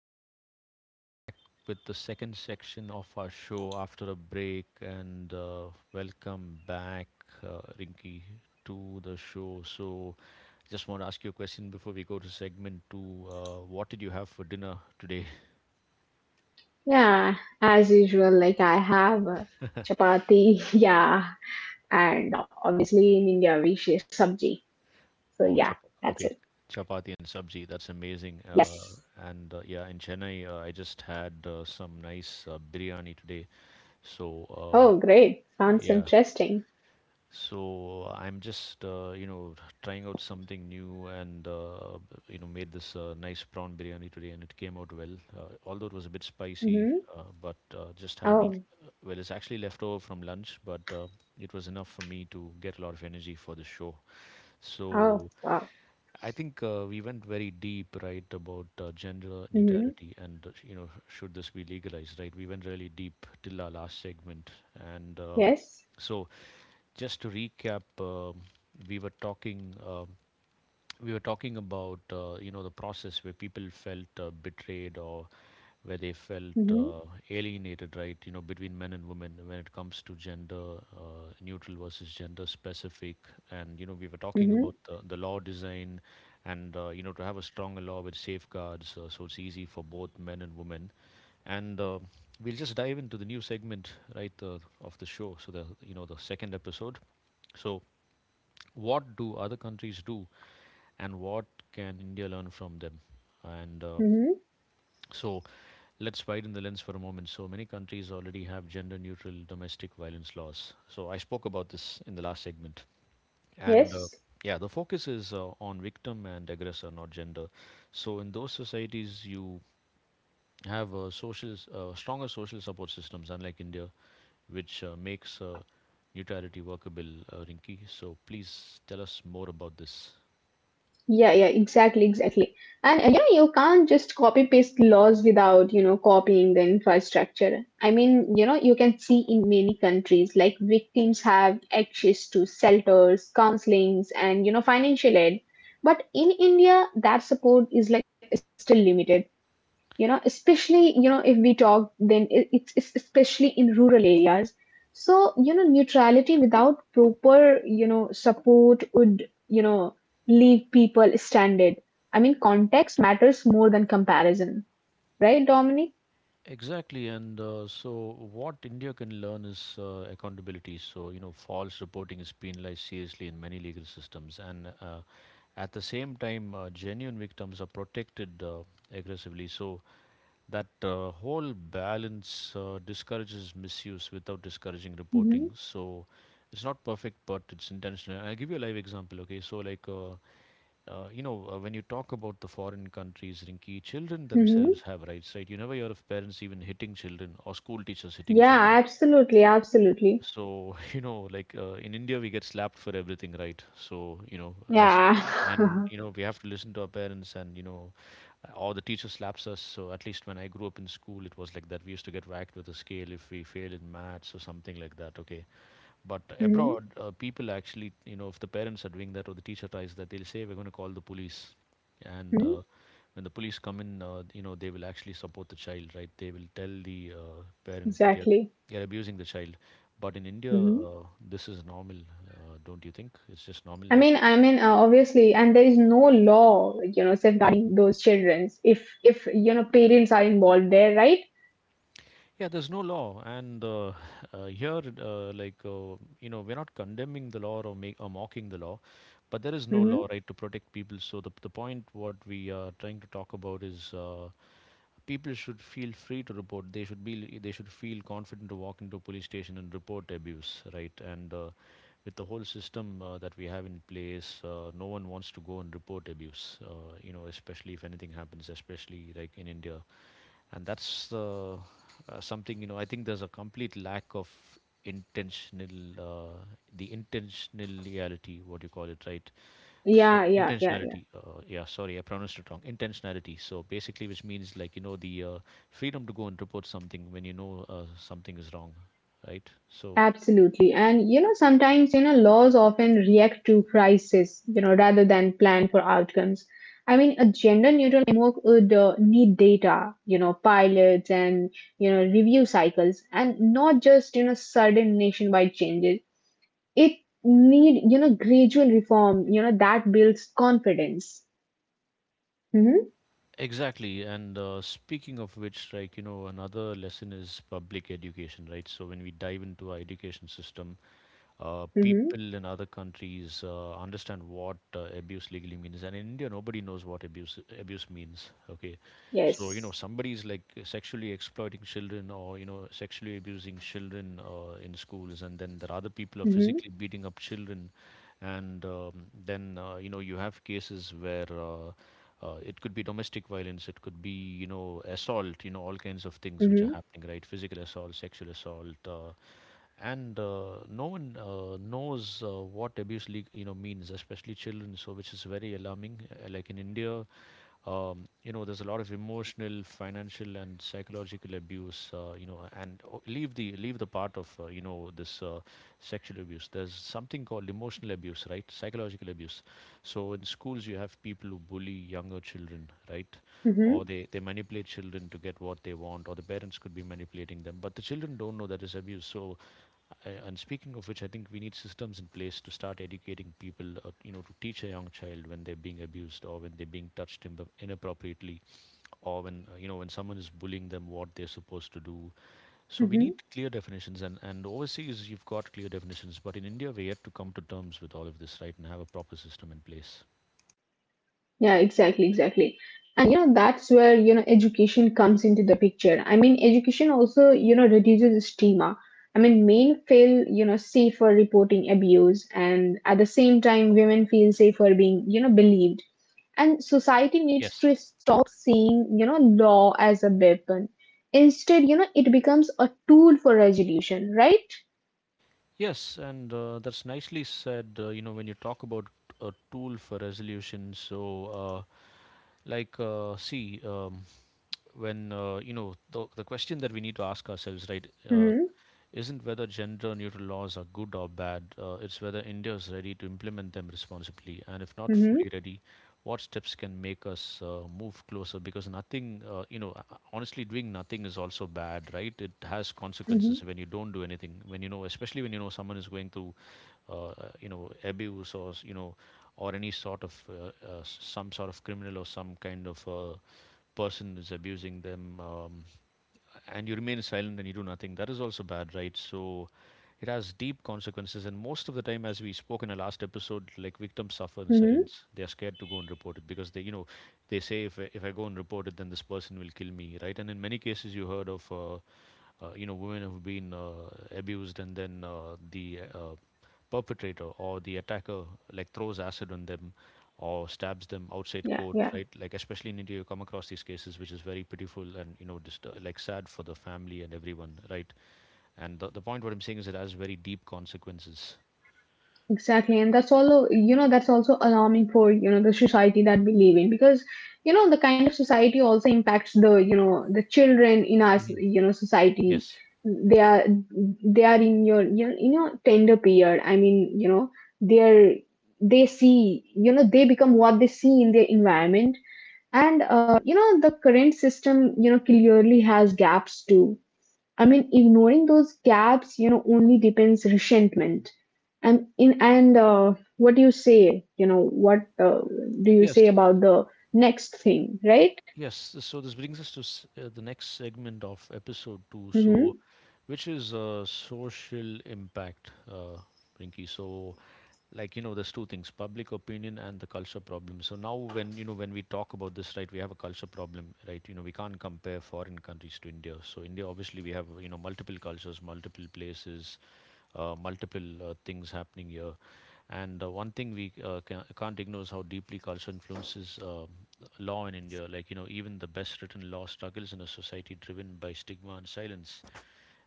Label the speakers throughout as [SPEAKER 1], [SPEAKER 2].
[SPEAKER 1] show, and we are back with the second section of our show after a break. And welcome back, Rinky, to the show. So, just want to ask you a question before we go to segment two. What did you have for dinner today?
[SPEAKER 2] Yeah, as usual, like I have chapati, yeah, and obviously in India we share sabji. So
[SPEAKER 1] Oh,
[SPEAKER 2] yeah,
[SPEAKER 1] chap
[SPEAKER 2] that's
[SPEAKER 1] okay,
[SPEAKER 2] it.
[SPEAKER 1] chapati and sabzi. That's amazing.
[SPEAKER 2] Yes.
[SPEAKER 1] And yeah, in Chennai, I just had some nice biryani today. So, uh,
[SPEAKER 2] Oh, great. Sounds
[SPEAKER 1] yeah,
[SPEAKER 2] interesting.
[SPEAKER 1] I'm just trying out something new and made this nice prawn biryani today and it came out well. Although it was a bit spicy,
[SPEAKER 2] Mm-hmm.
[SPEAKER 1] but just had
[SPEAKER 2] Oh,
[SPEAKER 1] well it's actually leftover from lunch, but it was enough for me to get a lot of energy for the show. So
[SPEAKER 2] oh, wow.
[SPEAKER 1] I think we went very deep, right, about gender
[SPEAKER 2] Mm-hmm.
[SPEAKER 1] neutrality and you know should this be legalized, right? We went really deep till our last segment and.
[SPEAKER 2] Yes.
[SPEAKER 1] So just to recap, we were talking um we were talking about you know the process where people felt betrayed or where they felt
[SPEAKER 2] Mm-hmm.
[SPEAKER 1] alienated, right? You know, between men and women when it comes to gender neutral versus gender specific, and you know we were talking
[SPEAKER 2] Mm-hmm.
[SPEAKER 1] about the law design, and you know to have a stronger law with safeguards, so it's easy for both men and women, and. We'll just dive into the new segment, right, of the show. So the you know the second episode. So what do other countries do and what can India learn from them, and
[SPEAKER 2] Mm-hmm.
[SPEAKER 1] so let's widen the lens for a moment. So many countries already have gender neutral domestic violence laws, so I spoke about this in the last segment and
[SPEAKER 2] Yes.
[SPEAKER 1] yeah, the focus is on victim and aggressor, not gender. So in those societies you have social stronger social support systems unlike India, which makes neutrality workable. Uh, rinki, so please tell us more about this.
[SPEAKER 2] Yeah, yeah, exactly, exactly. And yeah, you can't just copy paste laws without copying the infrastructure. I mean you can see in many countries, like, victims have access to shelters, counselings, and financial aid. But in India, that support is like still limited, especially, if we talk, then it's especially in rural areas. So, neutrality without proper, support would, leave people stranded. I mean, context matters more than comparison, right, Dominic?
[SPEAKER 1] Exactly, and so what India can learn is accountability. So, you know, false reporting is penalized seriously in many legal systems, and at the same time, genuine victims are protected aggressively. So, that whole balance discourages misuse without discouraging
[SPEAKER 2] Hmm.
[SPEAKER 1] reporting. So it's not perfect, but it's intentional. And I'll give you a live example. Okay, so like. You know, when you talk about the foreign countries, Rinki, children
[SPEAKER 2] Hmm.
[SPEAKER 1] themselves have rights, right? You never hear of parents even hitting children or school teachers hitting children.
[SPEAKER 2] Yeah, absolutely, absolutely.
[SPEAKER 1] So you know, like in India we get slapped for everything, right? So you know, as
[SPEAKER 2] Yeah.
[SPEAKER 1] and you know, we have to listen to our parents, and you know, or the teacher slaps us. So at least when I grew up in school, it was like that. We used to get whacked with a scale if we failed in maths or something like that, okay? But
[SPEAKER 2] Hmm.
[SPEAKER 1] abroad, people actually, you know, if the parents are doing that or the teacher tries that, they'll say, we're going to call the police. And when the police come in, you know, they will actually support the child, right? They will tell the parent that
[SPEAKER 2] Exactly.
[SPEAKER 1] you're abusing the child. But in India,
[SPEAKER 2] Mhm.
[SPEAKER 1] this is normal, don't you think? It's just normal.
[SPEAKER 2] I
[SPEAKER 1] Like
[SPEAKER 2] mean, I mean, obviously, and there is no law, like, safeguarding those childrens, if you know parents are involved there, right?
[SPEAKER 1] yeah, there's no law, and here, you know, we're not condemning the law or, make, or mocking the law, but there is no
[SPEAKER 2] Hmm.
[SPEAKER 1] law, right, to protect people. So the point what we are trying to talk about is people should feel free to report. They should feel confident to walk into a police station and report abuse, right? And with the whole system that we have in place, no one wants to go and report abuse. You know, especially if anything happens, especially like in India. And that's uh, uh, something, you know, I think there's a complete lack of intentional, the intentionality, what you call it, right? So
[SPEAKER 2] Yeah, yeah, yeah, yeah.
[SPEAKER 1] intentionality, yeah, sorry, I pronounced it wrong, intentionality. So basically, which means like, you know, the freedom to go and report something when you know something is wrong, right? So
[SPEAKER 2] Absolutely. And sometimes, laws often react to crisis rather than plan for outcomes. I mean, a gender neutral framework would need data, pilots and, review cycles, and not just, sudden nationwide changes. It need, gradual reform, that builds confidence. Mm-hmm.
[SPEAKER 1] exactly, and speaking of which, like, you know, another lesson is public education, right? So when we dive into our education system,
[SPEAKER 2] Mm-hmm.
[SPEAKER 1] people in other countries understand what abuse legally means, and in India nobody knows what abuse means, okay? So you know,
[SPEAKER 2] Yes.
[SPEAKER 1] somebody is like sexually exploiting children, or you know, sexually abusing children in schools, and then there are other people are
[SPEAKER 2] Mm-hmm.
[SPEAKER 1] physically beating up children. And um, then uh, you know, you have cases where it could be domestic violence, it could be, you know, assault, you know, all kinds of things which are
[SPEAKER 2] Mm-hmm.
[SPEAKER 1] happening, right? Physical assault, sexual assault, and no one knows what abuse league, you know, means, especially children, so which is very alarming. Like in India, you know, there's a lot of emotional, financial and psychological abuse, you know, and leave the, leave the part of you know, this sexual abuse, there's something called emotional abuse, right? Psychological abuse. So in schools you have people who bully younger children, right?
[SPEAKER 2] Mm-hmm.
[SPEAKER 1] Or they manipulate children to get what they want, or the parents could be manipulating them, but the children don't know that is abuse. So I, and speaking of which, I think we need systems in place to start educating people, you know, to teach a young child when they're being abused or when they're being inappropriately, or when, you know, when someone is bullying them, what they're supposed to do. So we
[SPEAKER 2] Mm-hmm.
[SPEAKER 1] need clear definitions. And overseas, you've got clear definitions. But in India, we're yet to come to terms with all of this, right, and have a proper system in place.
[SPEAKER 2] Yeah, exactly, exactly. And that's where education comes into the picture. I mean, education also reduces stigma. I mean, men feel safe for reporting abuse, and at the same time, women feel safe for being believed. And society needs
[SPEAKER 1] Yes.
[SPEAKER 2] to stop seeing law as a weapon. Instead it becomes a tool for resolution, right?
[SPEAKER 1] Yes, and that's nicely said. You know, when you talk about a tool for resolution, so see, when you know, the question that we need to ask ourselves, right,
[SPEAKER 2] Mm-hmm.
[SPEAKER 1] isn't whether gender-neutral laws are good or bad. It's whether India is ready to implement them responsibly, and if not
[SPEAKER 2] Mm-hmm.
[SPEAKER 1] fully ready, what steps can make us move closer, because nothing, you know, honestly, doing nothing is also bad, right? It has
[SPEAKER 2] Mm-hmm.
[SPEAKER 1] consequences when you don't do anything, when you know, especially when you know someone is going through uh, you know, abuse, or you know, or any sort of, some sort of criminal or some kind of person is abusing them, and you remain silent and you do nothing, that is also bad, right? So it has deep consequences. And most of the time, as we spoke in the last episode, like victims suffer in
[SPEAKER 2] Mm-hmm.
[SPEAKER 1] silence. They are scared to go and report it because they, you know, they say if if I go and report it, then this person will kill me, right? And in many cases, you heard of. You know, women who have been abused, and then the perpetrator or the attacker like throws acid on them, or stabs them outside
[SPEAKER 2] Yeah,
[SPEAKER 1] court,
[SPEAKER 2] yeah.
[SPEAKER 1] right? Like especially in India, you come across these cases, which is very pitiful, and you know, just like sad for the family and everyone, right? And the point what I'm saying is it has very deep consequences.
[SPEAKER 2] Exactly, and that's also, that's also alarming for, the society that we live in, because, the kind of society also impacts the children in our,
[SPEAKER 1] Mhm.
[SPEAKER 2] society.
[SPEAKER 1] Yes.
[SPEAKER 2] They are they are in your tender period. I mean, they're they see, they become what they see in their environment, and the current system, clearly has gaps too. I mean, ignoring those gaps only depends resentment. And what do you say? What do you
[SPEAKER 1] Yes,
[SPEAKER 2] say about the next thing, right?
[SPEAKER 1] Yes, so this brings us to the next segment of episode two,
[SPEAKER 2] Mm-hmm.
[SPEAKER 1] so which is social impact, Rinky. So, like you know, there's two things: public opinion and the culture problem. So now, when you know when we talk about this, right, we have a culture problem, right? You know, we can't compare foreign countries to India. So India, obviously, we have you know multiple cultures, multiple places, multiple things happening here. And one thing we can't ignore is how deeply culture influences law in India. Like, you know, even the best written law struggles in a society driven by stigma and silence.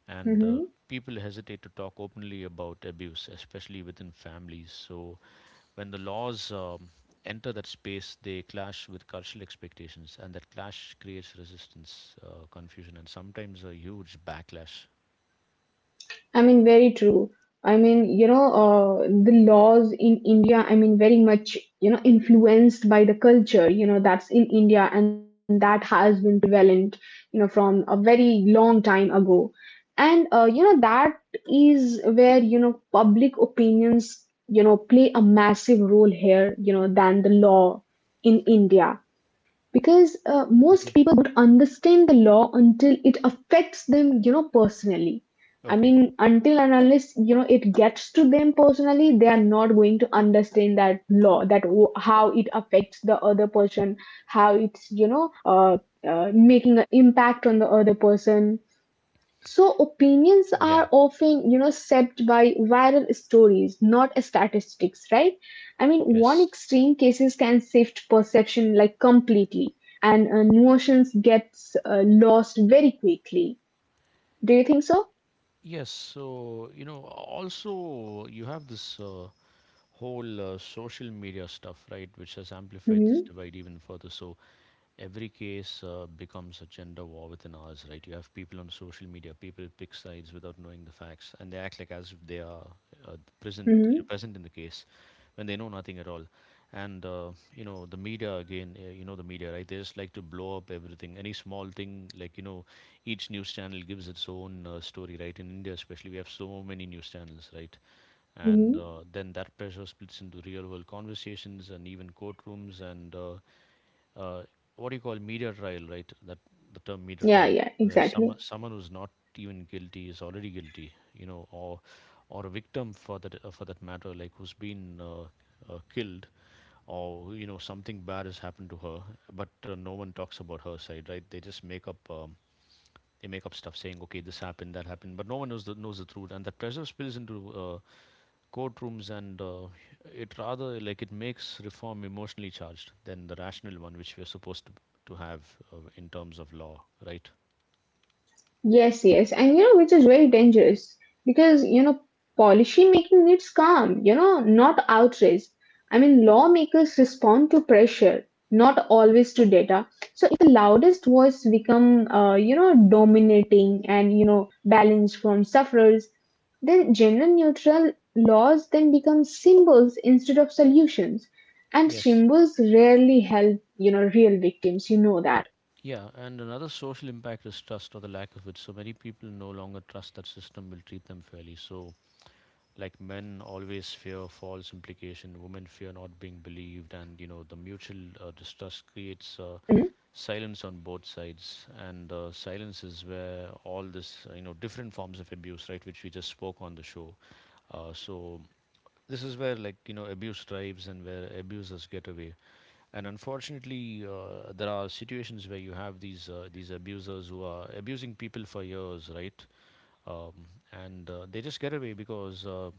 [SPEAKER 1] And
[SPEAKER 2] Mm-hmm.
[SPEAKER 1] people hesitate to talk openly about abuse, especially within families. So when the laws enter that space, they clash with cultural expectations. And that clash creates resistance, confusion, and sometimes a huge backlash.
[SPEAKER 2] I mean, very true. I mean the laws in India, I mean, very much influenced by the culture that's in India and that has been prevalent, from a very long time ago. And that is where, public opinions, play a massive role here, than the law in India. Because
[SPEAKER 1] Hmm.
[SPEAKER 2] most people don't understand the law until it affects them, personally. I
[SPEAKER 1] Okay.
[SPEAKER 2] mean, until and unless, it gets to them personally, they are not going to understand that law, how it affects the other person, how it's, uh, making an impact on the other person. So opinions
[SPEAKER 1] Yeah.
[SPEAKER 2] are often shaped by viral stories, not statistics, right? I mean, one
[SPEAKER 1] Yes.
[SPEAKER 2] extreme cases can shift perception, like, completely, and emotions gets lost very quickly. Do you think so?
[SPEAKER 1] Yes, so you know, also you have this whole social media stuff, right, which has amplified this
[SPEAKER 2] Mm-hmm.
[SPEAKER 1] divide even further. So every case becomes a gender war within ours, right? You have people on social media, people pick sides without knowing the facts, and they act like as if they are present,
[SPEAKER 2] Mm-hmm.
[SPEAKER 1] present in the case, when they know nothing at all. The media again, the media, right? They just like to blow up everything, any small thing, like each news channel gives its own story, right? In India, especially, we have so many news channels, right? and
[SPEAKER 2] Mm-hmm.
[SPEAKER 1] Then that pressure splits into real world conversations and even courtrooms and uh, what do you call media trial, right? That, the term media trial,
[SPEAKER 2] Yeah, yeah,
[SPEAKER 1] where someone
[SPEAKER 2] exactly.
[SPEAKER 1] someone who's not even guilty is already guilty, you know, or a victim for that matter, like who's been killed or you know something bad has happened to her, but no one talks about her side, right? They just make up, they make up stuff saying okay this happened that happened, but no one knows the truth, and that pressure spills into courtrooms, and it rather like it makes reform emotionally charged than the rational one, which we're supposed to have in terms of law, right?
[SPEAKER 2] Yes, yes. And which is very dangerous because policy making needs calm not outrage. I mean, lawmakers respond to pressure, not always to data. So if the loudest voice become, dominating and balanced from sufferers, then gender neutral laws then become symbols instead of solutions. And
[SPEAKER 1] Yes.
[SPEAKER 2] symbols rarely help real victims. You know that.
[SPEAKER 1] Yeah, and another social impact is trust or the lack of it. So many people no longer trust that system will treat them fairly. So like men always fear false implication, women fear not being believed, and you know the mutual distrust creates
[SPEAKER 2] Mm-hmm.
[SPEAKER 1] silence on both sides, and silence is where all this you know different forms of abuse, right, which we just spoke on the show. So this is where like you know abuse thrives and where abusers get away, and unfortunately there are situations where you have these abusers who are abusing people for years, right? um, and They just get away because uh,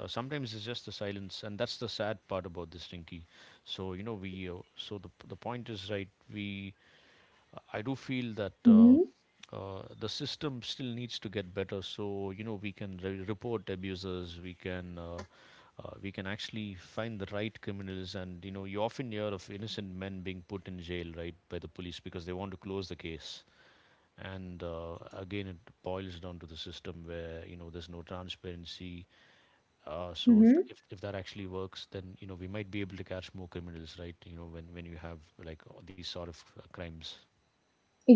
[SPEAKER 1] uh, sometimes it's just the silence, and that's the sad part about this, Rinky. So the point is, right, we I do feel that
[SPEAKER 2] Mm-hmm.
[SPEAKER 1] the system still needs to get better, so you know we can report abusers, we can actually find the right criminals. And you know you often hear of innocent men being put in jail, right, by the police because they want to close the case. And again it boils down to the system where you know there's no transparency. So if,
[SPEAKER 2] Mm-hmm.
[SPEAKER 1] th- if that actually works, then you know we might be able to catch more criminals, right? You know when you have like all these sort of crimes.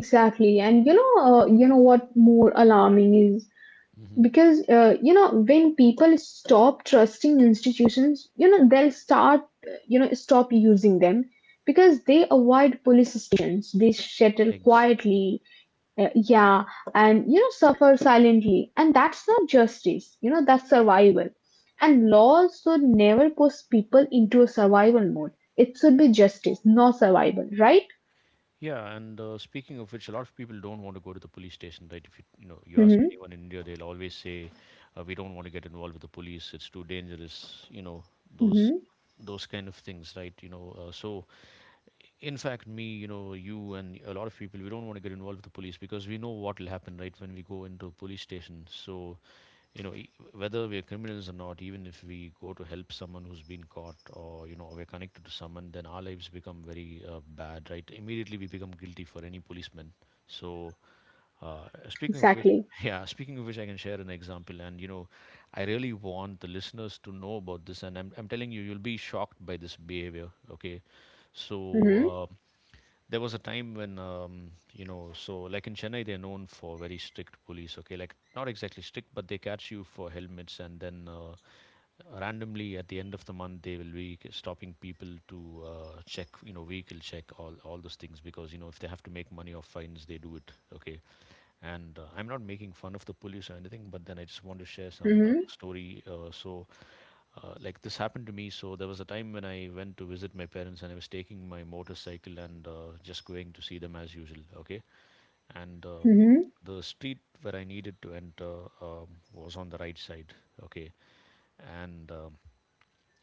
[SPEAKER 2] Exactly, and you know what more alarming is,
[SPEAKER 1] Hmm.
[SPEAKER 2] because when people stop trusting institutions, they'll start, stop using them, because they avoid police stations, they settle
[SPEAKER 1] Exactly.
[SPEAKER 2] quietly, yeah, and suffer silently, and that's not justice that's survival, and laws should never push people into a survival mode. It should be justice, not survival, right?
[SPEAKER 1] Yeah, and speaking of which, a lot of people don't want to go to the police station, right? If you you know you ask
[SPEAKER 2] Mm-hmm.
[SPEAKER 1] anyone in India, they'll always say, "We don't want to get involved with the police. It's too dangerous." You know those
[SPEAKER 2] Mm-hmm.
[SPEAKER 1] those kind of things, right? You know, so in fact me you know you and a lot of people we don't want to get involved with the police because we know what will happen, right, when we go into a police station. So you know whether we're criminals or not, even if we go to help someone who's been caught, or you know we're connected to someone, then our lives become very bad, right? Immediately we become guilty for any policeman. So speaking of which
[SPEAKER 2] Exactly.
[SPEAKER 1] yeah, speaking of which, I can share an example. And you know I really want the listeners to know about this, and I'm telling you you'll be shocked by this behavior, okay? So
[SPEAKER 2] Mm-hmm.
[SPEAKER 1] there was a time when you know so like in Chennai they're known for very strict police, okay, like not exactly strict but they catch you for helmets and then randomly at the end of the month they will be stopping people to check, you know, vehicle check, all those things, because you know if they have to make money off fines they do it, okay? And I'm not making fun of the police or anything, but then I just want to share some
[SPEAKER 2] Mm-hmm.
[SPEAKER 1] story. So like this happened to me. So there was a time when I went to visit my parents, and I was taking my motorcycle and just going to see them as usual. Okay, and
[SPEAKER 2] Mm-hmm.
[SPEAKER 1] the street where I needed to enter um, was on the right side. Okay, and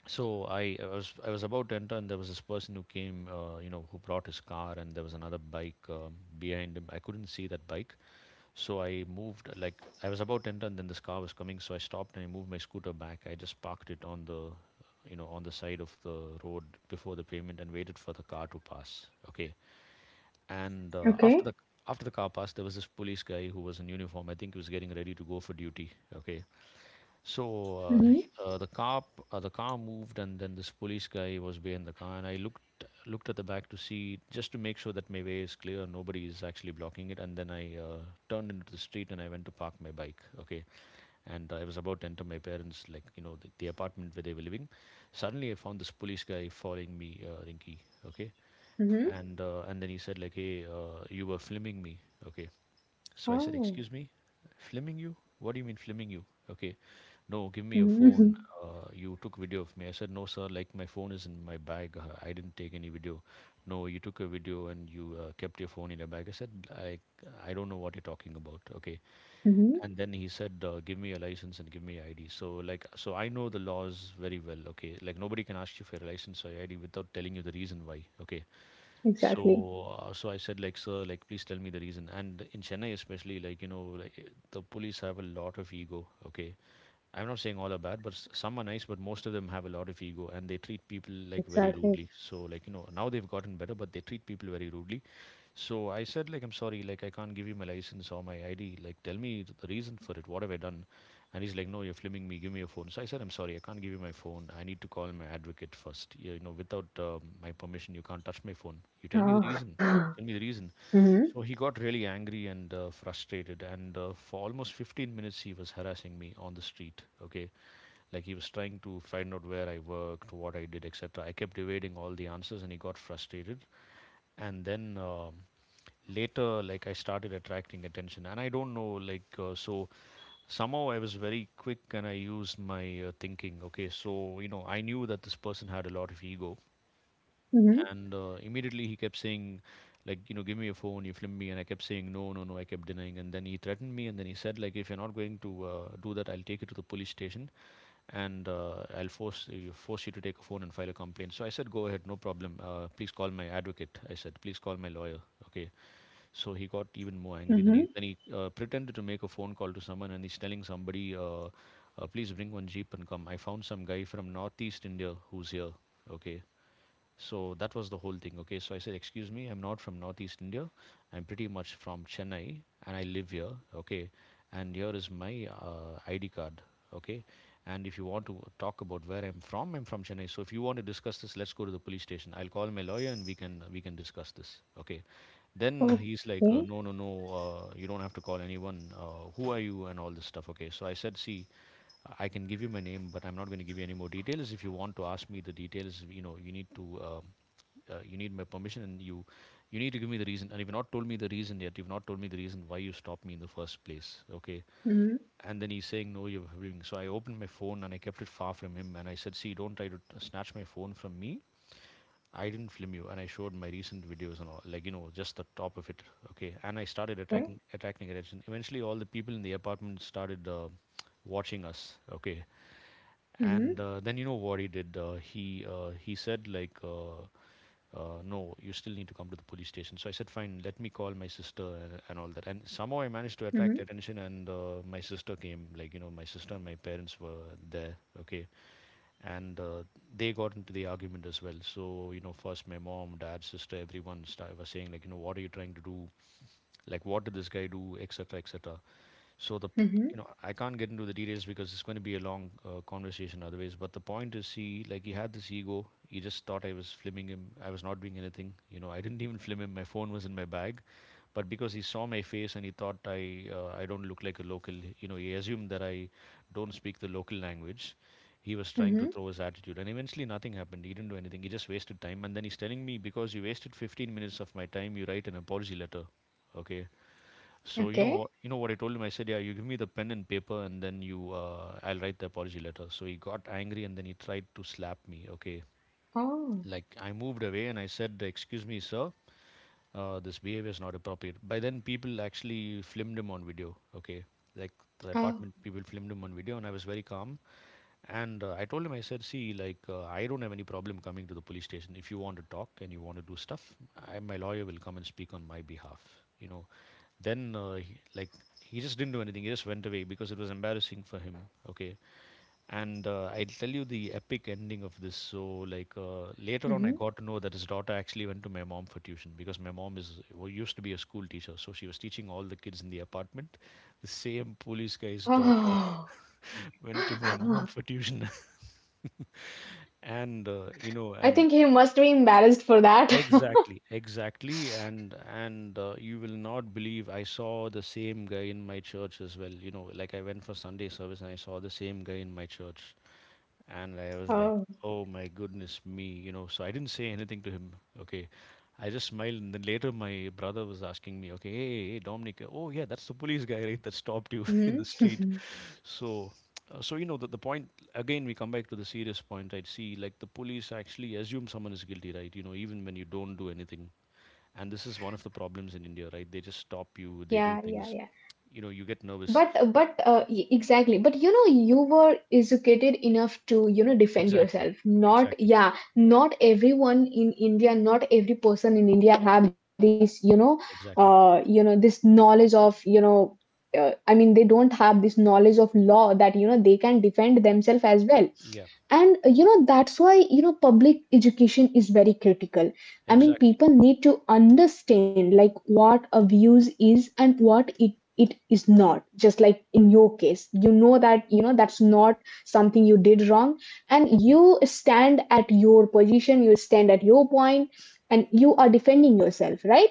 [SPEAKER 1] so I was about to enter, and there was this person who came, who brought his car, and there was another bike behind him. I couldn't see that bike, so I moved, like, I was about to enter, and then this car was coming. So I stopped and I moved my scooter back. I just parked it on the, you know, on the side of the road before the pavement, and waited for the car to pass. Okay. And
[SPEAKER 2] Okay.
[SPEAKER 1] after the car passed, there was this police guy who was in uniform. I think he was getting ready to go for duty. Okay. So
[SPEAKER 2] Mm-hmm.
[SPEAKER 1] the car moved, and then this police guy was behind the car, and I looked looked at the back to see, just to make sure that my way is clear, nobody is actually blocking it. And then I turned into the street and I went to park my bike. Okay, and I was about to enter my parents, like you know, the apartment where they were living. Suddenly, I found this police guy following me, Rinky. Okay,
[SPEAKER 2] Mm-hmm.
[SPEAKER 1] and then he said like, "Hey, you were filming me." Okay, so I said,
[SPEAKER 2] Oh.
[SPEAKER 1] excuse me, filming you? What do you mean filming you? Okay, no, give me your
[SPEAKER 2] Mm-hmm.
[SPEAKER 1] phone. You took video of me. I said, no, sir, like my phone is in my bag. I didn't take any video. No, you took a video and you kept your phone in your bag. I said, I, I don't know what you're talking about. Okay.
[SPEAKER 2] Mm-hmm.
[SPEAKER 1] And then he said, give me a license and give me ID. So, like, so I know the laws very well. Okay. Like, nobody can ask you for a license or ID without telling you the reason why. Okay.
[SPEAKER 2] Exactly.
[SPEAKER 1] So, so I said, like, sir, like, please tell me the reason. And in Chennai, especially, like, you know, like, the police have a lot of ego. Okay, I'm not saying all are bad, but some are nice, but most of them have a lot of ego, and they treat people like very
[SPEAKER 2] Exactly.
[SPEAKER 1] rudely. So, like, you know, now they've gotten better, but they treat people very rudely. So I said, like, I'm sorry, like, I can't give you my license or my ID. Like, tell me the reason for it. What have I done? And he's like, no, you're filming me. Give me your phone. So I said, I'm sorry, I can't give you my phone. I need to call my advocate first. You know, without my permission, you can't touch my phone. You tell me the reason.
[SPEAKER 2] Oh.
[SPEAKER 1] Tell me the reason.
[SPEAKER 2] Mm-hmm.
[SPEAKER 1] So he got really angry and frustrated. And for almost 15 minutes, he was harassing me on the street. Okay. Like, he was trying to find out where I worked, what I did, etc. I kept evading all the answers and he got frustrated. And then later like I started attracting attention and I don't know like so somehow I was very quick and I used my thinking. Okay, so you know I knew that this person had a lot of ego,
[SPEAKER 2] Mm-hmm.
[SPEAKER 1] and immediately he kept saying like you know give me your phone, you film me, and I kept saying no no no, I kept denying. And then he threatened me and then he said like if you're not going to do that I'll take you to the police station and I'll force you, force you to take a phone and file a complaint. So I said go ahead, no problem, please call my advocate, I said please call my lawyer, okay? So he got even more angry. Then
[SPEAKER 2] Mm-hmm.
[SPEAKER 1] he pretended to make a phone call to someone, and he's telling somebody, "Please bring one jeep and come. I found some guy from northeast India who's here." Okay, so that was the whole thing. Okay, so I said, "Excuse me, I'm not from northeast India. I'm pretty much from Chennai and I live here. Okay, and here is my ID card. Okay, and if you want to talk about where I'm from Chennai. So if you want to discuss this, let's go to the police station. I'll call my lawyer and we can discuss this. Okay, then he's like,
[SPEAKER 2] Okay.
[SPEAKER 1] no, no, no, you don't have to call anyone. Who are you and all this stuff. Okay, so I said, see. I can give you my name, but I'm not going to give you any more details. If you want to ask me the details, you know, you need my permission and you need to give me the reason, and you've not told me the reason yet. You've not told me the reason why you stopped me in the first place, okay?
[SPEAKER 2] Mm-hmm.
[SPEAKER 1] And then he's saying, no, you're having. So I opened my phone and I kept it far from him, and I said, see, don't try to snatch my phone from me. I didn't film you. And I showed my recent videos and all, like, you know, just the top of it. Okay, and I started
[SPEAKER 2] Okay.
[SPEAKER 1] attacking, attacking attention. Eventually all the people in the apartment started watching us. Okay.
[SPEAKER 2] Mm-hmm.
[SPEAKER 1] And then, you know what he did? He said, like, no, you still need to come to the police station. So I said, fine, let me call my sister and all that. And somehow I managed to attract
[SPEAKER 2] Mm-hmm.
[SPEAKER 1] attention, and my sister came. Like, you know, my sister and my parents were there, okay? And they got into the argument as well. So, you know, first my mom, dad, sister, everyone sta was saying, like, you know, what are you trying to do? Like, what did this guy do? Etc., etc. So the p- you
[SPEAKER 2] Mm-hmm.
[SPEAKER 1] know, I can't get into the details because it's going to be a long conversation otherwise. But the point is, he had this ego. He just thought I was filming him. I was not doing anything. You know, I didn't even film him. My phone was in my bag, but because he saw my face and he thought I don't look like a local. You know, he assumed that I don't speak the local language. He was trying to
[SPEAKER 2] Mm-hmm.
[SPEAKER 1] throw his attitude, and eventually nothing happened. He didn't do anything. He just wasted time, and then he's telling me, because you wasted 15 minutes of my time, you write an apology letter. Okay, so
[SPEAKER 2] Okay.
[SPEAKER 1] you know what I told him. I said, "Yeah, you give me the pen and paper, and then you, I'll write the apology letter." So he got angry, and then he tried to slap me. Okay,
[SPEAKER 2] Oh.
[SPEAKER 1] like I moved away, and I said, "Excuse me, sir, this behavior is not appropriate." By then, people actually filmed him on video. Okay, like the
[SPEAKER 2] Oh.
[SPEAKER 1] apartment people filmed him on video, and I was very calm. And I told him, I said, "See, like, I don't have any problem coming to the police station. If you want to talk and you want to do stuff, my lawyer will come and speak on my behalf." You know, then, he just didn't do anything. He just went away because it was embarrassing for him. Okay. And I'll tell you the epic ending of this. So, like, later on, I got
[SPEAKER 2] Mm-hmm.
[SPEAKER 1] to know that his daughter actually went to my mom for tuition, because my mom is well, used to be a school teacher. So she was teaching all the kids in the apartment. The same police guy's daughter
[SPEAKER 2] Oh.
[SPEAKER 1] went to my mom for tuition. And, you know,
[SPEAKER 2] I
[SPEAKER 1] and
[SPEAKER 2] think he must be embarrassed for that.
[SPEAKER 1] exactly, exactly, and you will not believe, I saw the same guy in my church as well. You know, like, I went for Sunday service and I saw the same guy in my church, and I was like,
[SPEAKER 2] Oh.
[SPEAKER 1] oh my goodness me, you know. So I didn't say anything to him. Okay, I just smiled, and then later my brother was asking me, okay, hey, hey, Dominic, oh yeah, that's the police guy, right, that stopped you in the street.
[SPEAKER 2] Mm-hmm.
[SPEAKER 1] So, you know, the point, again, we come back to the serious point. I'd see, like, the police actually assume someone is guilty, right? You know, even when you don't do anything. And this is one of the problems in India, right? They just stop you, they
[SPEAKER 2] Yeah.
[SPEAKER 1] do
[SPEAKER 2] Yeah.
[SPEAKER 1] things,
[SPEAKER 2] Yeah.
[SPEAKER 1] you know, you get nervous.
[SPEAKER 2] But exactly. But you were educated enough to defend
[SPEAKER 1] Exactly,
[SPEAKER 2] yourself. Not
[SPEAKER 1] exactly,
[SPEAKER 2] yeah, not everyone in India, not every person in India have this,
[SPEAKER 1] exactly.
[SPEAKER 2] this knowledge of, I mean, they don't have this knowledge of law that they can defend themselves as well,
[SPEAKER 1] Yeah,
[SPEAKER 2] and that's why, public education is very critical. I mean,
[SPEAKER 1] exactly.
[SPEAKER 2] people need to understand, like, what abuse is and what it is not. Just like in your case, that, that's not something you did wrong, and
[SPEAKER 1] Mhm.
[SPEAKER 2] you stand at your position, you stand at your point, and you are defending yourself, right.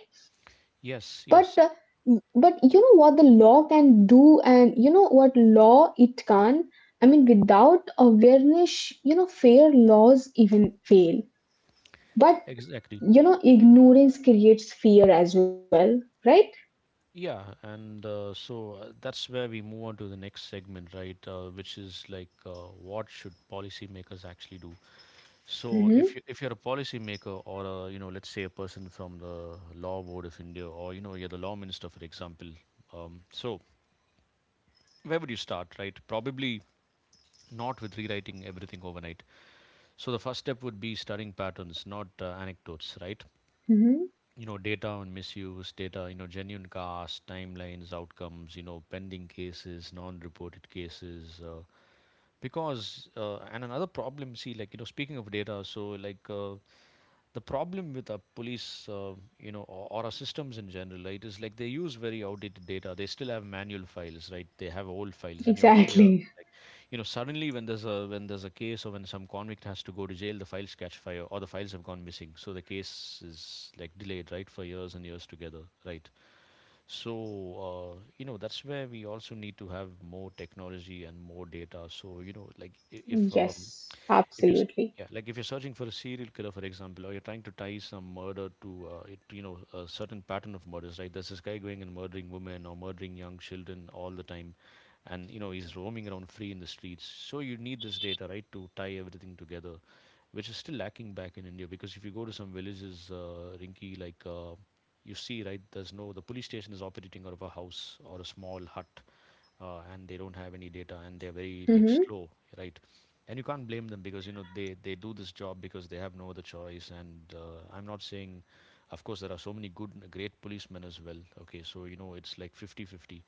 [SPEAKER 1] Yes,
[SPEAKER 2] but uh,
[SPEAKER 1] yes,
[SPEAKER 2] but you know what the law can do, and you know what law it can. I mean, without awareness, fair laws even fail, but,
[SPEAKER 1] exactly.
[SPEAKER 2] ignorance creates fear as well, right.
[SPEAKER 1] Yeah, and that's where we move on to the next segment, right? Which is like, what should policymakers actually do? So
[SPEAKER 2] Mm-hmm.
[SPEAKER 1] if you're a policy maker, or, a, you know, let's say, a person from the law board of India, or, you know, you're the law minister, for example, so where would you start, right? Probably not with rewriting everything overnight. So the first step would be studying patterns, not anecdotes, right?
[SPEAKER 2] Mm-hmm.
[SPEAKER 1] You know, data on misuse, data, you know, genuine costs, timelines, outcomes, you know, pending cases, non-reported cases. Because And another problem, see, like, you know, speaking of data, so, like, the problem with a police, you know, or our systems in general, right, is like they use very outdated data. They still have manual files, right? They have old files, and you often hear,
[SPEAKER 2] Exactly.
[SPEAKER 1] like, you know, suddenly when there's a case, or when some convict has to go to jail, the files catch fire or the files have gone missing, so the case is like delayed, right, for years and years together, right? So you know, that's where we also need to have more technology and more data. So, you know, like, i- if um,
[SPEAKER 2] Yes,
[SPEAKER 1] if you're
[SPEAKER 2] absolutely.
[SPEAKER 1] yeah, like, if you're searching for a serial killer, for example, or you're trying to tie some murder to you know, a certain pattern of murders, right? There's this guy going and murdering women, or murdering young children all the time, and you know, he's roaming around free in the streets. So you need this data, right, to tie everything together, which is still lacking back in India. Because if you go to some villages, Rinky, like, you see, right, there's no, the police station is operating out of a house or a small hut, and they don't have any data, and they're very, like,
[SPEAKER 2] Mm-hmm.
[SPEAKER 1] slow, right? And you can't blame them, because you know they do this job because they have no other choice. And I'm not saying, of course, there are so many good, great policemen as well. Okay, so you know, it's like 50-50,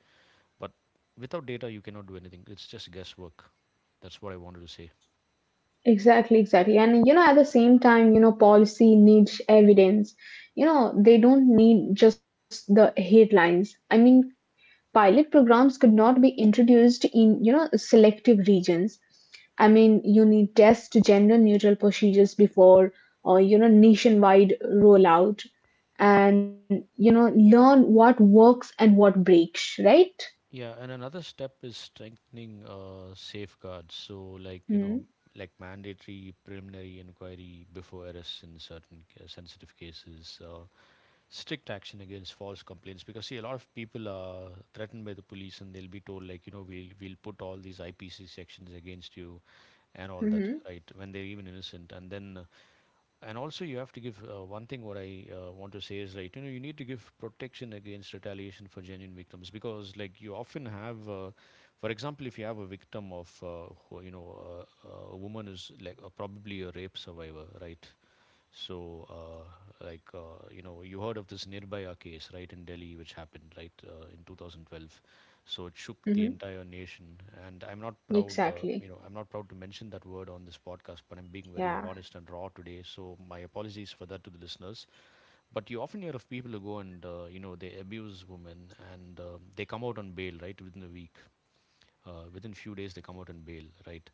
[SPEAKER 1] but without data you cannot do anything. It's just guesswork. That's what I wanted to say.
[SPEAKER 2] Exactly, exactly. And, at the same time, policy needs evidence, they don't need just the headlines. I mean, pilot programs could not be introduced in, selective regions. I mean, you need test gender neutral procedures before, or, nationwide rollout, and, learn what works and what breaks, right.
[SPEAKER 1] Yeah, and another step is strengthening safeguards. So, like, you know,
[SPEAKER 2] Mm-hmm.
[SPEAKER 1] like, mandatory preliminary inquiry before arrest in certain sensitive cases, strict action against false complaints. Because, see, a lot of people are threatened by the police and they'll be told, like, you know, we'll put all these IPC sections against you and all that, right,
[SPEAKER 2] Mm-hmm.
[SPEAKER 1] when they're even innocent. And then and also, you have to give one thing, what I want to say is, right, you know, you need to give protection against retaliation for genuine victims, because, like, you often have for example, if you have a victim of you know, a woman is, like, probably a rape survivor, right? So, you know, you heard of this Nirbhaya case, right, in Delhi, which happened, right, in 2012. So it shook the
[SPEAKER 2] Mm-hmm.
[SPEAKER 1] entire nation. And I'm not proud, you know,
[SPEAKER 2] Exactly.
[SPEAKER 1] I'm not proud to mention that word on this podcast, but I'm being very
[SPEAKER 2] Yeah.
[SPEAKER 1] honest and raw today. So my apologies for that to the listeners. But you often hear of people who go and, you know, they abuse women, and they come out on bail, right, within a week. Within few days, they come out on bail, right?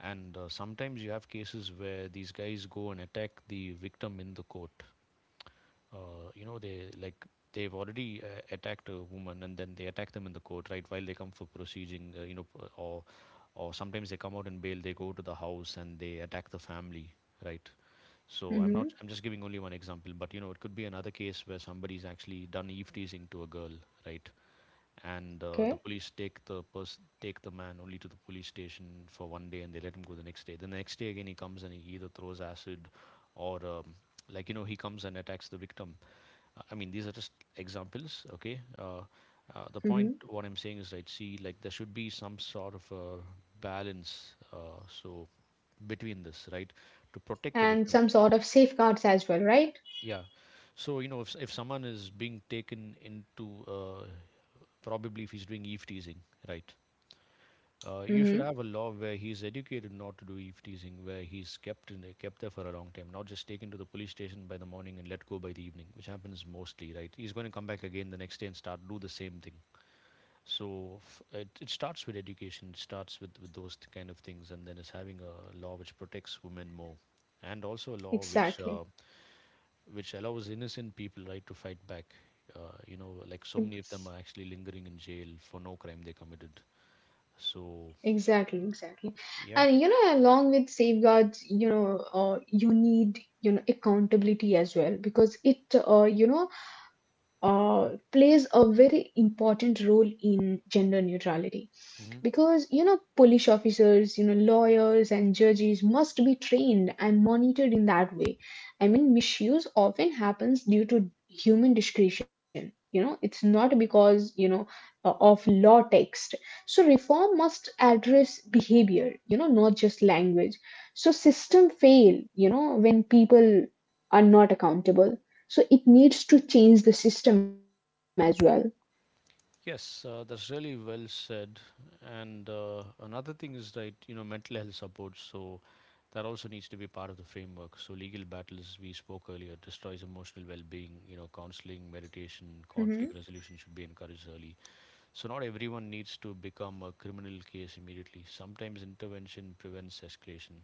[SPEAKER 1] And sometimes you have cases where these guys go and attack the victim in the court, uh, you know they like they've already attacked a woman and then they attack them in the court, right, while they come for proceeding. Or sometimes they come out in bail, they go to the house and they attack the family, right. so i'm not
[SPEAKER 2] Mm-hmm.
[SPEAKER 1] i'm just giving only one example, but you know it could be another case where somebody's actually done eve teasing to a girl, right. And
[SPEAKER 2] Okay.
[SPEAKER 1] the police take the person, take the man only to the police station for one day and they let him go the next day. Then the next day again he comes and he either throws acid or, like you know, he comes and attacks the victim. I mean, these are just examples, okay? The
[SPEAKER 2] Mm-hmm.
[SPEAKER 1] point, what I'm saying is, right, see, like there should be some sort of a balance, so, between this, right, to protect the
[SPEAKER 2] And
[SPEAKER 1] victim.
[SPEAKER 2] some sort of safeguards as well, right?
[SPEAKER 1] Yeah. So, you know, if someone is being taken into, probably if he's doing eve teasing, right, you should
[SPEAKER 2] Mm-hmm.
[SPEAKER 1] have a law where he's educated not to do eve teasing, where he's kept there for a long time, not just taken to the police station by the morning and let go by the evening, which happens mostly, right? He's going to come back again the next day and start do the same thing. So it starts with education, it starts with, those kind of things, and then is having a law which protects women more, and also a law
[SPEAKER 2] Exactly.
[SPEAKER 1] which allows innocent people, right, to fight back. Like, so many of them are actually lingering in jail for no crime they committed. So
[SPEAKER 2] Exactly, exactly.
[SPEAKER 1] yeah.
[SPEAKER 2] And along with safeguards you need accountability as well, because it, plays a very important role in gender neutrality.
[SPEAKER 1] Hmm.
[SPEAKER 2] Because, police officers, lawyers and judges must be trained and monitored in that way. I mean, misuse often happens due to human discretion, it's not because, of law text. So reform must address behavior, not just language. So system fail, when people are not accountable, so it needs to change the system as well.
[SPEAKER 1] Yes, that's really well said. And another thing is, right, you know, mental health support. So that also needs to be part of the framework. So legal battles, we spoke earlier, destroys emotional well-being. You know, counseling, meditation,
[SPEAKER 2] Hmm.
[SPEAKER 1] conflict resolution should be encouraged early. So not everyone needs to become a criminal case immediately. Sometimes intervention prevents escalation.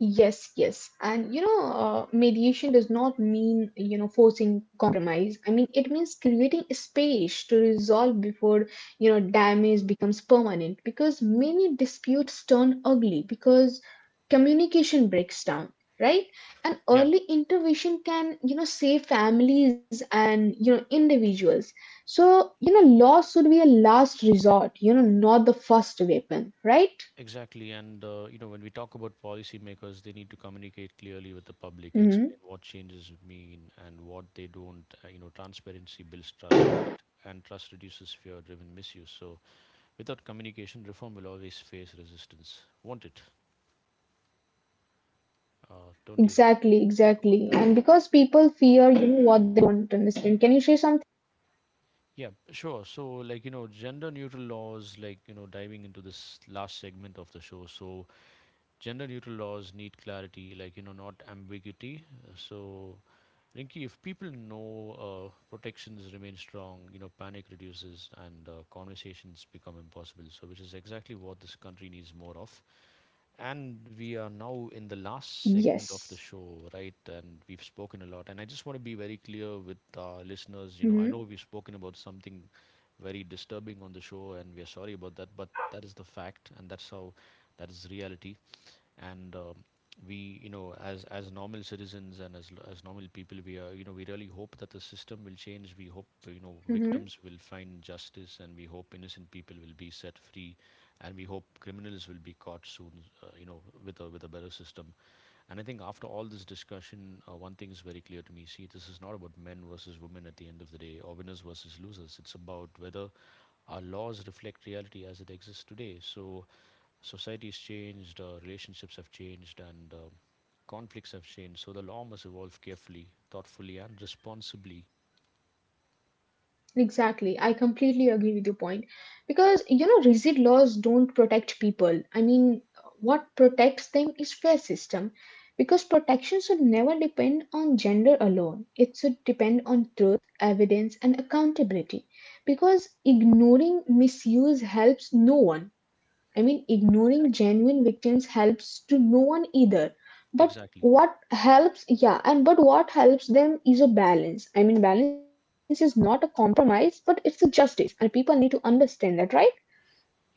[SPEAKER 2] Yes, yes. And mediation does not mean forcing compromise. I mean, it means creating a space to resolve before damage becomes permanent, because many disputes turn ugly because communication breaks down, right? And
[SPEAKER 1] Yeah.
[SPEAKER 2] early intervention can save families and individuals. So law should be a last resort not the first weapon, right?
[SPEAKER 1] Exactly, and you know, when we talk about policymakers, they need to communicate clearly with the public,
[SPEAKER 2] Hmm.
[SPEAKER 1] explain what changes mean and what they don't. You know, transparency builds trust, right? And trust reduces fear-driven misuse. So, without communication, reform will always face resistance, won't it? Don't you
[SPEAKER 2] Exactly,
[SPEAKER 1] think about
[SPEAKER 2] exactly.
[SPEAKER 1] that?
[SPEAKER 2] And because people fear, you know what they don't understand. Can you share something?
[SPEAKER 1] Yeah, sure. So, like, you know, gender-neutral laws, like you know, diving into this last segment of the show. So, gender-neutral laws need clarity, like, you know, not ambiguity. So, Rinki, if people know protections remain strong, you know, panic reduces and conversations become impossible. So, which is exactly what this country needs more of. And we are now in the last segment of the
[SPEAKER 2] Yes.
[SPEAKER 1] show, right? And we've spoken a lot. And I just want to be very clear with our listeners. You
[SPEAKER 2] Hmm.
[SPEAKER 1] know, I know we've spoken about something very disturbing on the show, and we're sorry about that, but that is the fact, and that is reality. And we, you know, as normal citizens and as normal people, we are, you know, we really hope that the system will change, we hope, you know,
[SPEAKER 2] Hmm.
[SPEAKER 1] victims will find justice, and we hope innocent people will be set free, and we hope criminals will be caught soon, with a better system. And I think after all this discussion, one thing is very clear to me. See, this is not about men versus women at the end of the day, or winners versus losers. It's about whether our laws reflect reality as it exists today. So society's changed, relationships have changed, and conflicts have changed. So the law must evolve carefully, thoughtfully, and responsibly.
[SPEAKER 2] Exactly. I completely agree with your point. Because rigid laws don't protect people. I mean, what protects them is fair system. Because protection should never depend on gender alone. It should depend on truth, evidence, and accountability. Because ignoring misuse helps no one. I mean, ignoring
[SPEAKER 1] Exactly.
[SPEAKER 2] genuine victims helps to no one either. But
[SPEAKER 1] Exactly.
[SPEAKER 2] what helps, yeah, and but what helps them is a balance. I mean, balance is not a compromise, but it's a justice, and people need to understand that, right?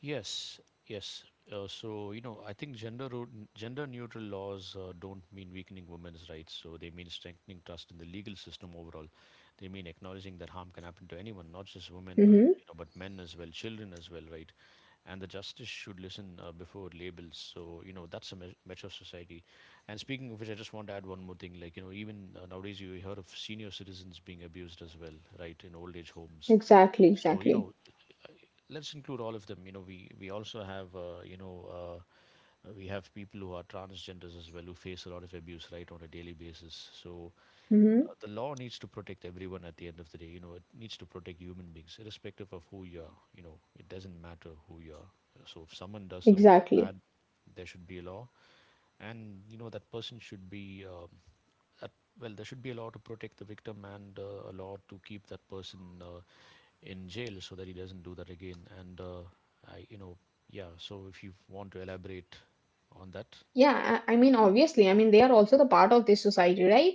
[SPEAKER 1] Yes. Yes. So, you know, I think gender neutral laws don't mean weakening women's rights. So they mean strengthening trust in the legal system overall. They mean acknowledging that harm can happen to anyone, not just women,
[SPEAKER 2] Mm-hmm.
[SPEAKER 1] but men as well, children as well, right? And the justice should listen before labels. So you know, that's a mature society. And speaking of which, I just want to add one more thing, like, you know, even nowadays you hear of senior citizens being abused as well, right, in old age homes.
[SPEAKER 2] Exactly,
[SPEAKER 1] So you know,
[SPEAKER 2] exactly.
[SPEAKER 1] uh, let's include all of them. You know, we also have, we have people who are transgenders as well, who face a lot of abuse, right, on a daily basis. So
[SPEAKER 2] Mm-hmm.
[SPEAKER 1] the law needs to protect everyone at the end of the day. You know, it needs to protect human beings, irrespective of who you are. You know, it doesn't matter who you are. So if someone does something
[SPEAKER 2] Exactly.
[SPEAKER 1] bad, there should be a law, and you know, that person should be at, well, there should be a law to protect the victim, and a law to keep that person in jail so that he doesn't do that again. And I, you know, yeah. So if you want to elaborate on that,
[SPEAKER 2] Yeah, I mean, obviously, I mean, they are also the part of this society, right?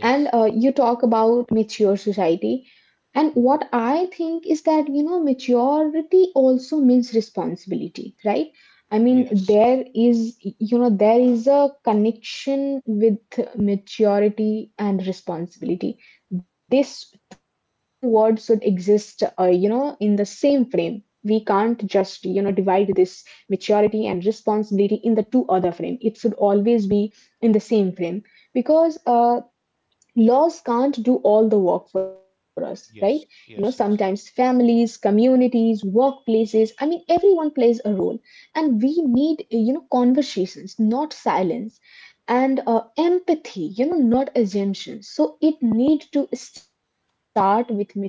[SPEAKER 2] And you talk about mature society, and
[SPEAKER 1] Mhm.
[SPEAKER 2] what I think is that, maturity also means responsibility, right? I mean,
[SPEAKER 1] Yes,
[SPEAKER 2] there is a connection with maturity and responsibility. These two words should exist, in the same frame. We can't just, divide this maturity and responsibility in the two other frame. It should always be in the same frame, because laws can't do all the work for us, right? you know
[SPEAKER 1] yes,
[SPEAKER 2] sometimes
[SPEAKER 1] yes, yes.
[SPEAKER 2] families, communities, workplaces, I mean everyone plays a role, and we need, conversations, not silence, and empathy, not assumptions. So it need to start with maturity,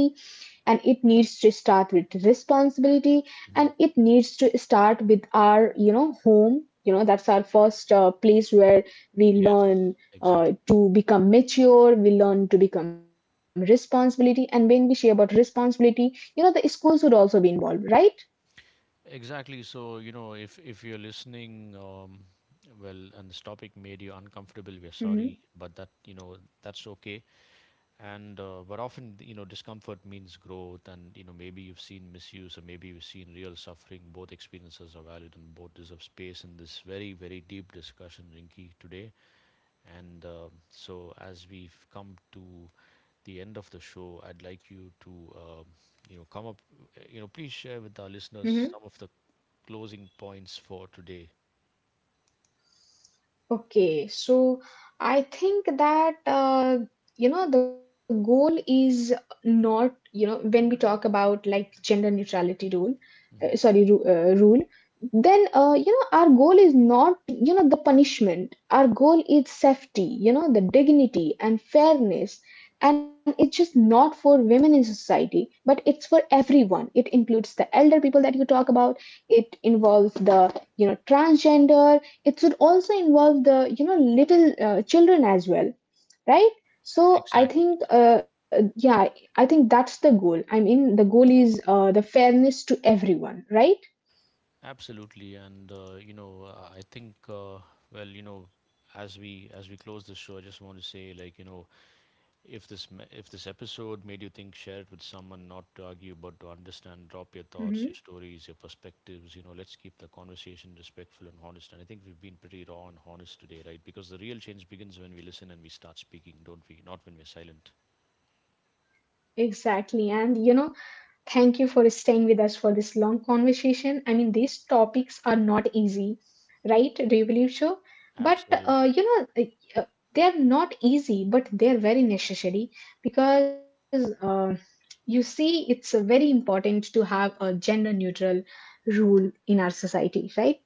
[SPEAKER 2] and it needs to start with responsibility, and it
[SPEAKER 1] Hmm.
[SPEAKER 2] needs to start with our, home. That's our first, place where we learn,
[SPEAKER 1] Yes,
[SPEAKER 2] uh,
[SPEAKER 1] exactly.
[SPEAKER 2] to become mature, we learn to become responsibility, and when we share about responsibility, the schools would also be involved, right?
[SPEAKER 1] Exactly. So, you know, if you're listening, well, and this topic made you uncomfortable, we're
[SPEAKER 2] Mm-hmm.
[SPEAKER 1] sorry, but that, you know, that's okay. And but often, you know, discomfort means growth, and you know, maybe you've seen misuse, or maybe you've seen real suffering. Both experiences are valid, and both deserve space in this very, very deep discussion, Rinky, today. And so, as we've come to the end of the show, I'd like you to, um, you know, come up, you know, please share with our listeners
[SPEAKER 2] Mm-hmm.
[SPEAKER 1] some of the closing points for today.
[SPEAKER 2] Okay, so I think that, the goal is not, when we talk about, like, gender neutrality rule, sorry,
[SPEAKER 1] Hmm.
[SPEAKER 2] rule. Then, our goal is not, the punishment. Our goal is safety, the dignity and fairness, and it's just not for women in society but it's for everyone. It includes the elder people that you talk about, it involves the, transgender. It should also involve the, little, children as well, right? So i
[SPEAKER 1] Exactly.
[SPEAKER 2] think uh, yeah I think that's the goal. I mean, the goal is, the fairness to everyone, right?
[SPEAKER 1] Absolutely. And I think, well, you know, as we close the show, I just want to say, like, you know, if this if this episode made you think, share it with someone, not to argue, but to understand. Drop your
[SPEAKER 2] Mm-hmm.
[SPEAKER 1] thoughts, your stories, your perspectives. You know, let's keep the conversation respectful and honest. And I think we've been pretty raw and honest today, right? Because the real change begins when we listen and we start speaking, don't we? Not when we're silent.
[SPEAKER 2] Exactly. And thank you for staying with us for this long conversation. I mean, these topics are not easy, right? Do you believe so? But
[SPEAKER 1] Absolutely.
[SPEAKER 2] like, they're not easy, but they're very necessary. Because you see, it's very important to have a gender neutral rule in our society, right?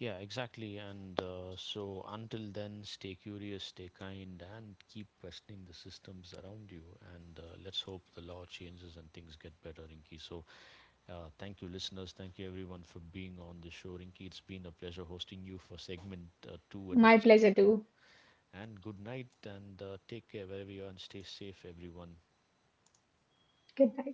[SPEAKER 1] Yeah, exactly. And so until then, stay curious, stay kind, and keep questioning the systems around you. And let's hope the law changes and things get better, Inky. So thank you, listeners. Thank you, everyone, for being on the show. Rinky, it's been a pleasure hosting you for segment two and
[SPEAKER 2] My
[SPEAKER 1] episode
[SPEAKER 2] pleasure
[SPEAKER 1] two.
[SPEAKER 2] too.
[SPEAKER 1] And good night, and take care wherever you are, and stay safe, everyone.
[SPEAKER 2] Good night.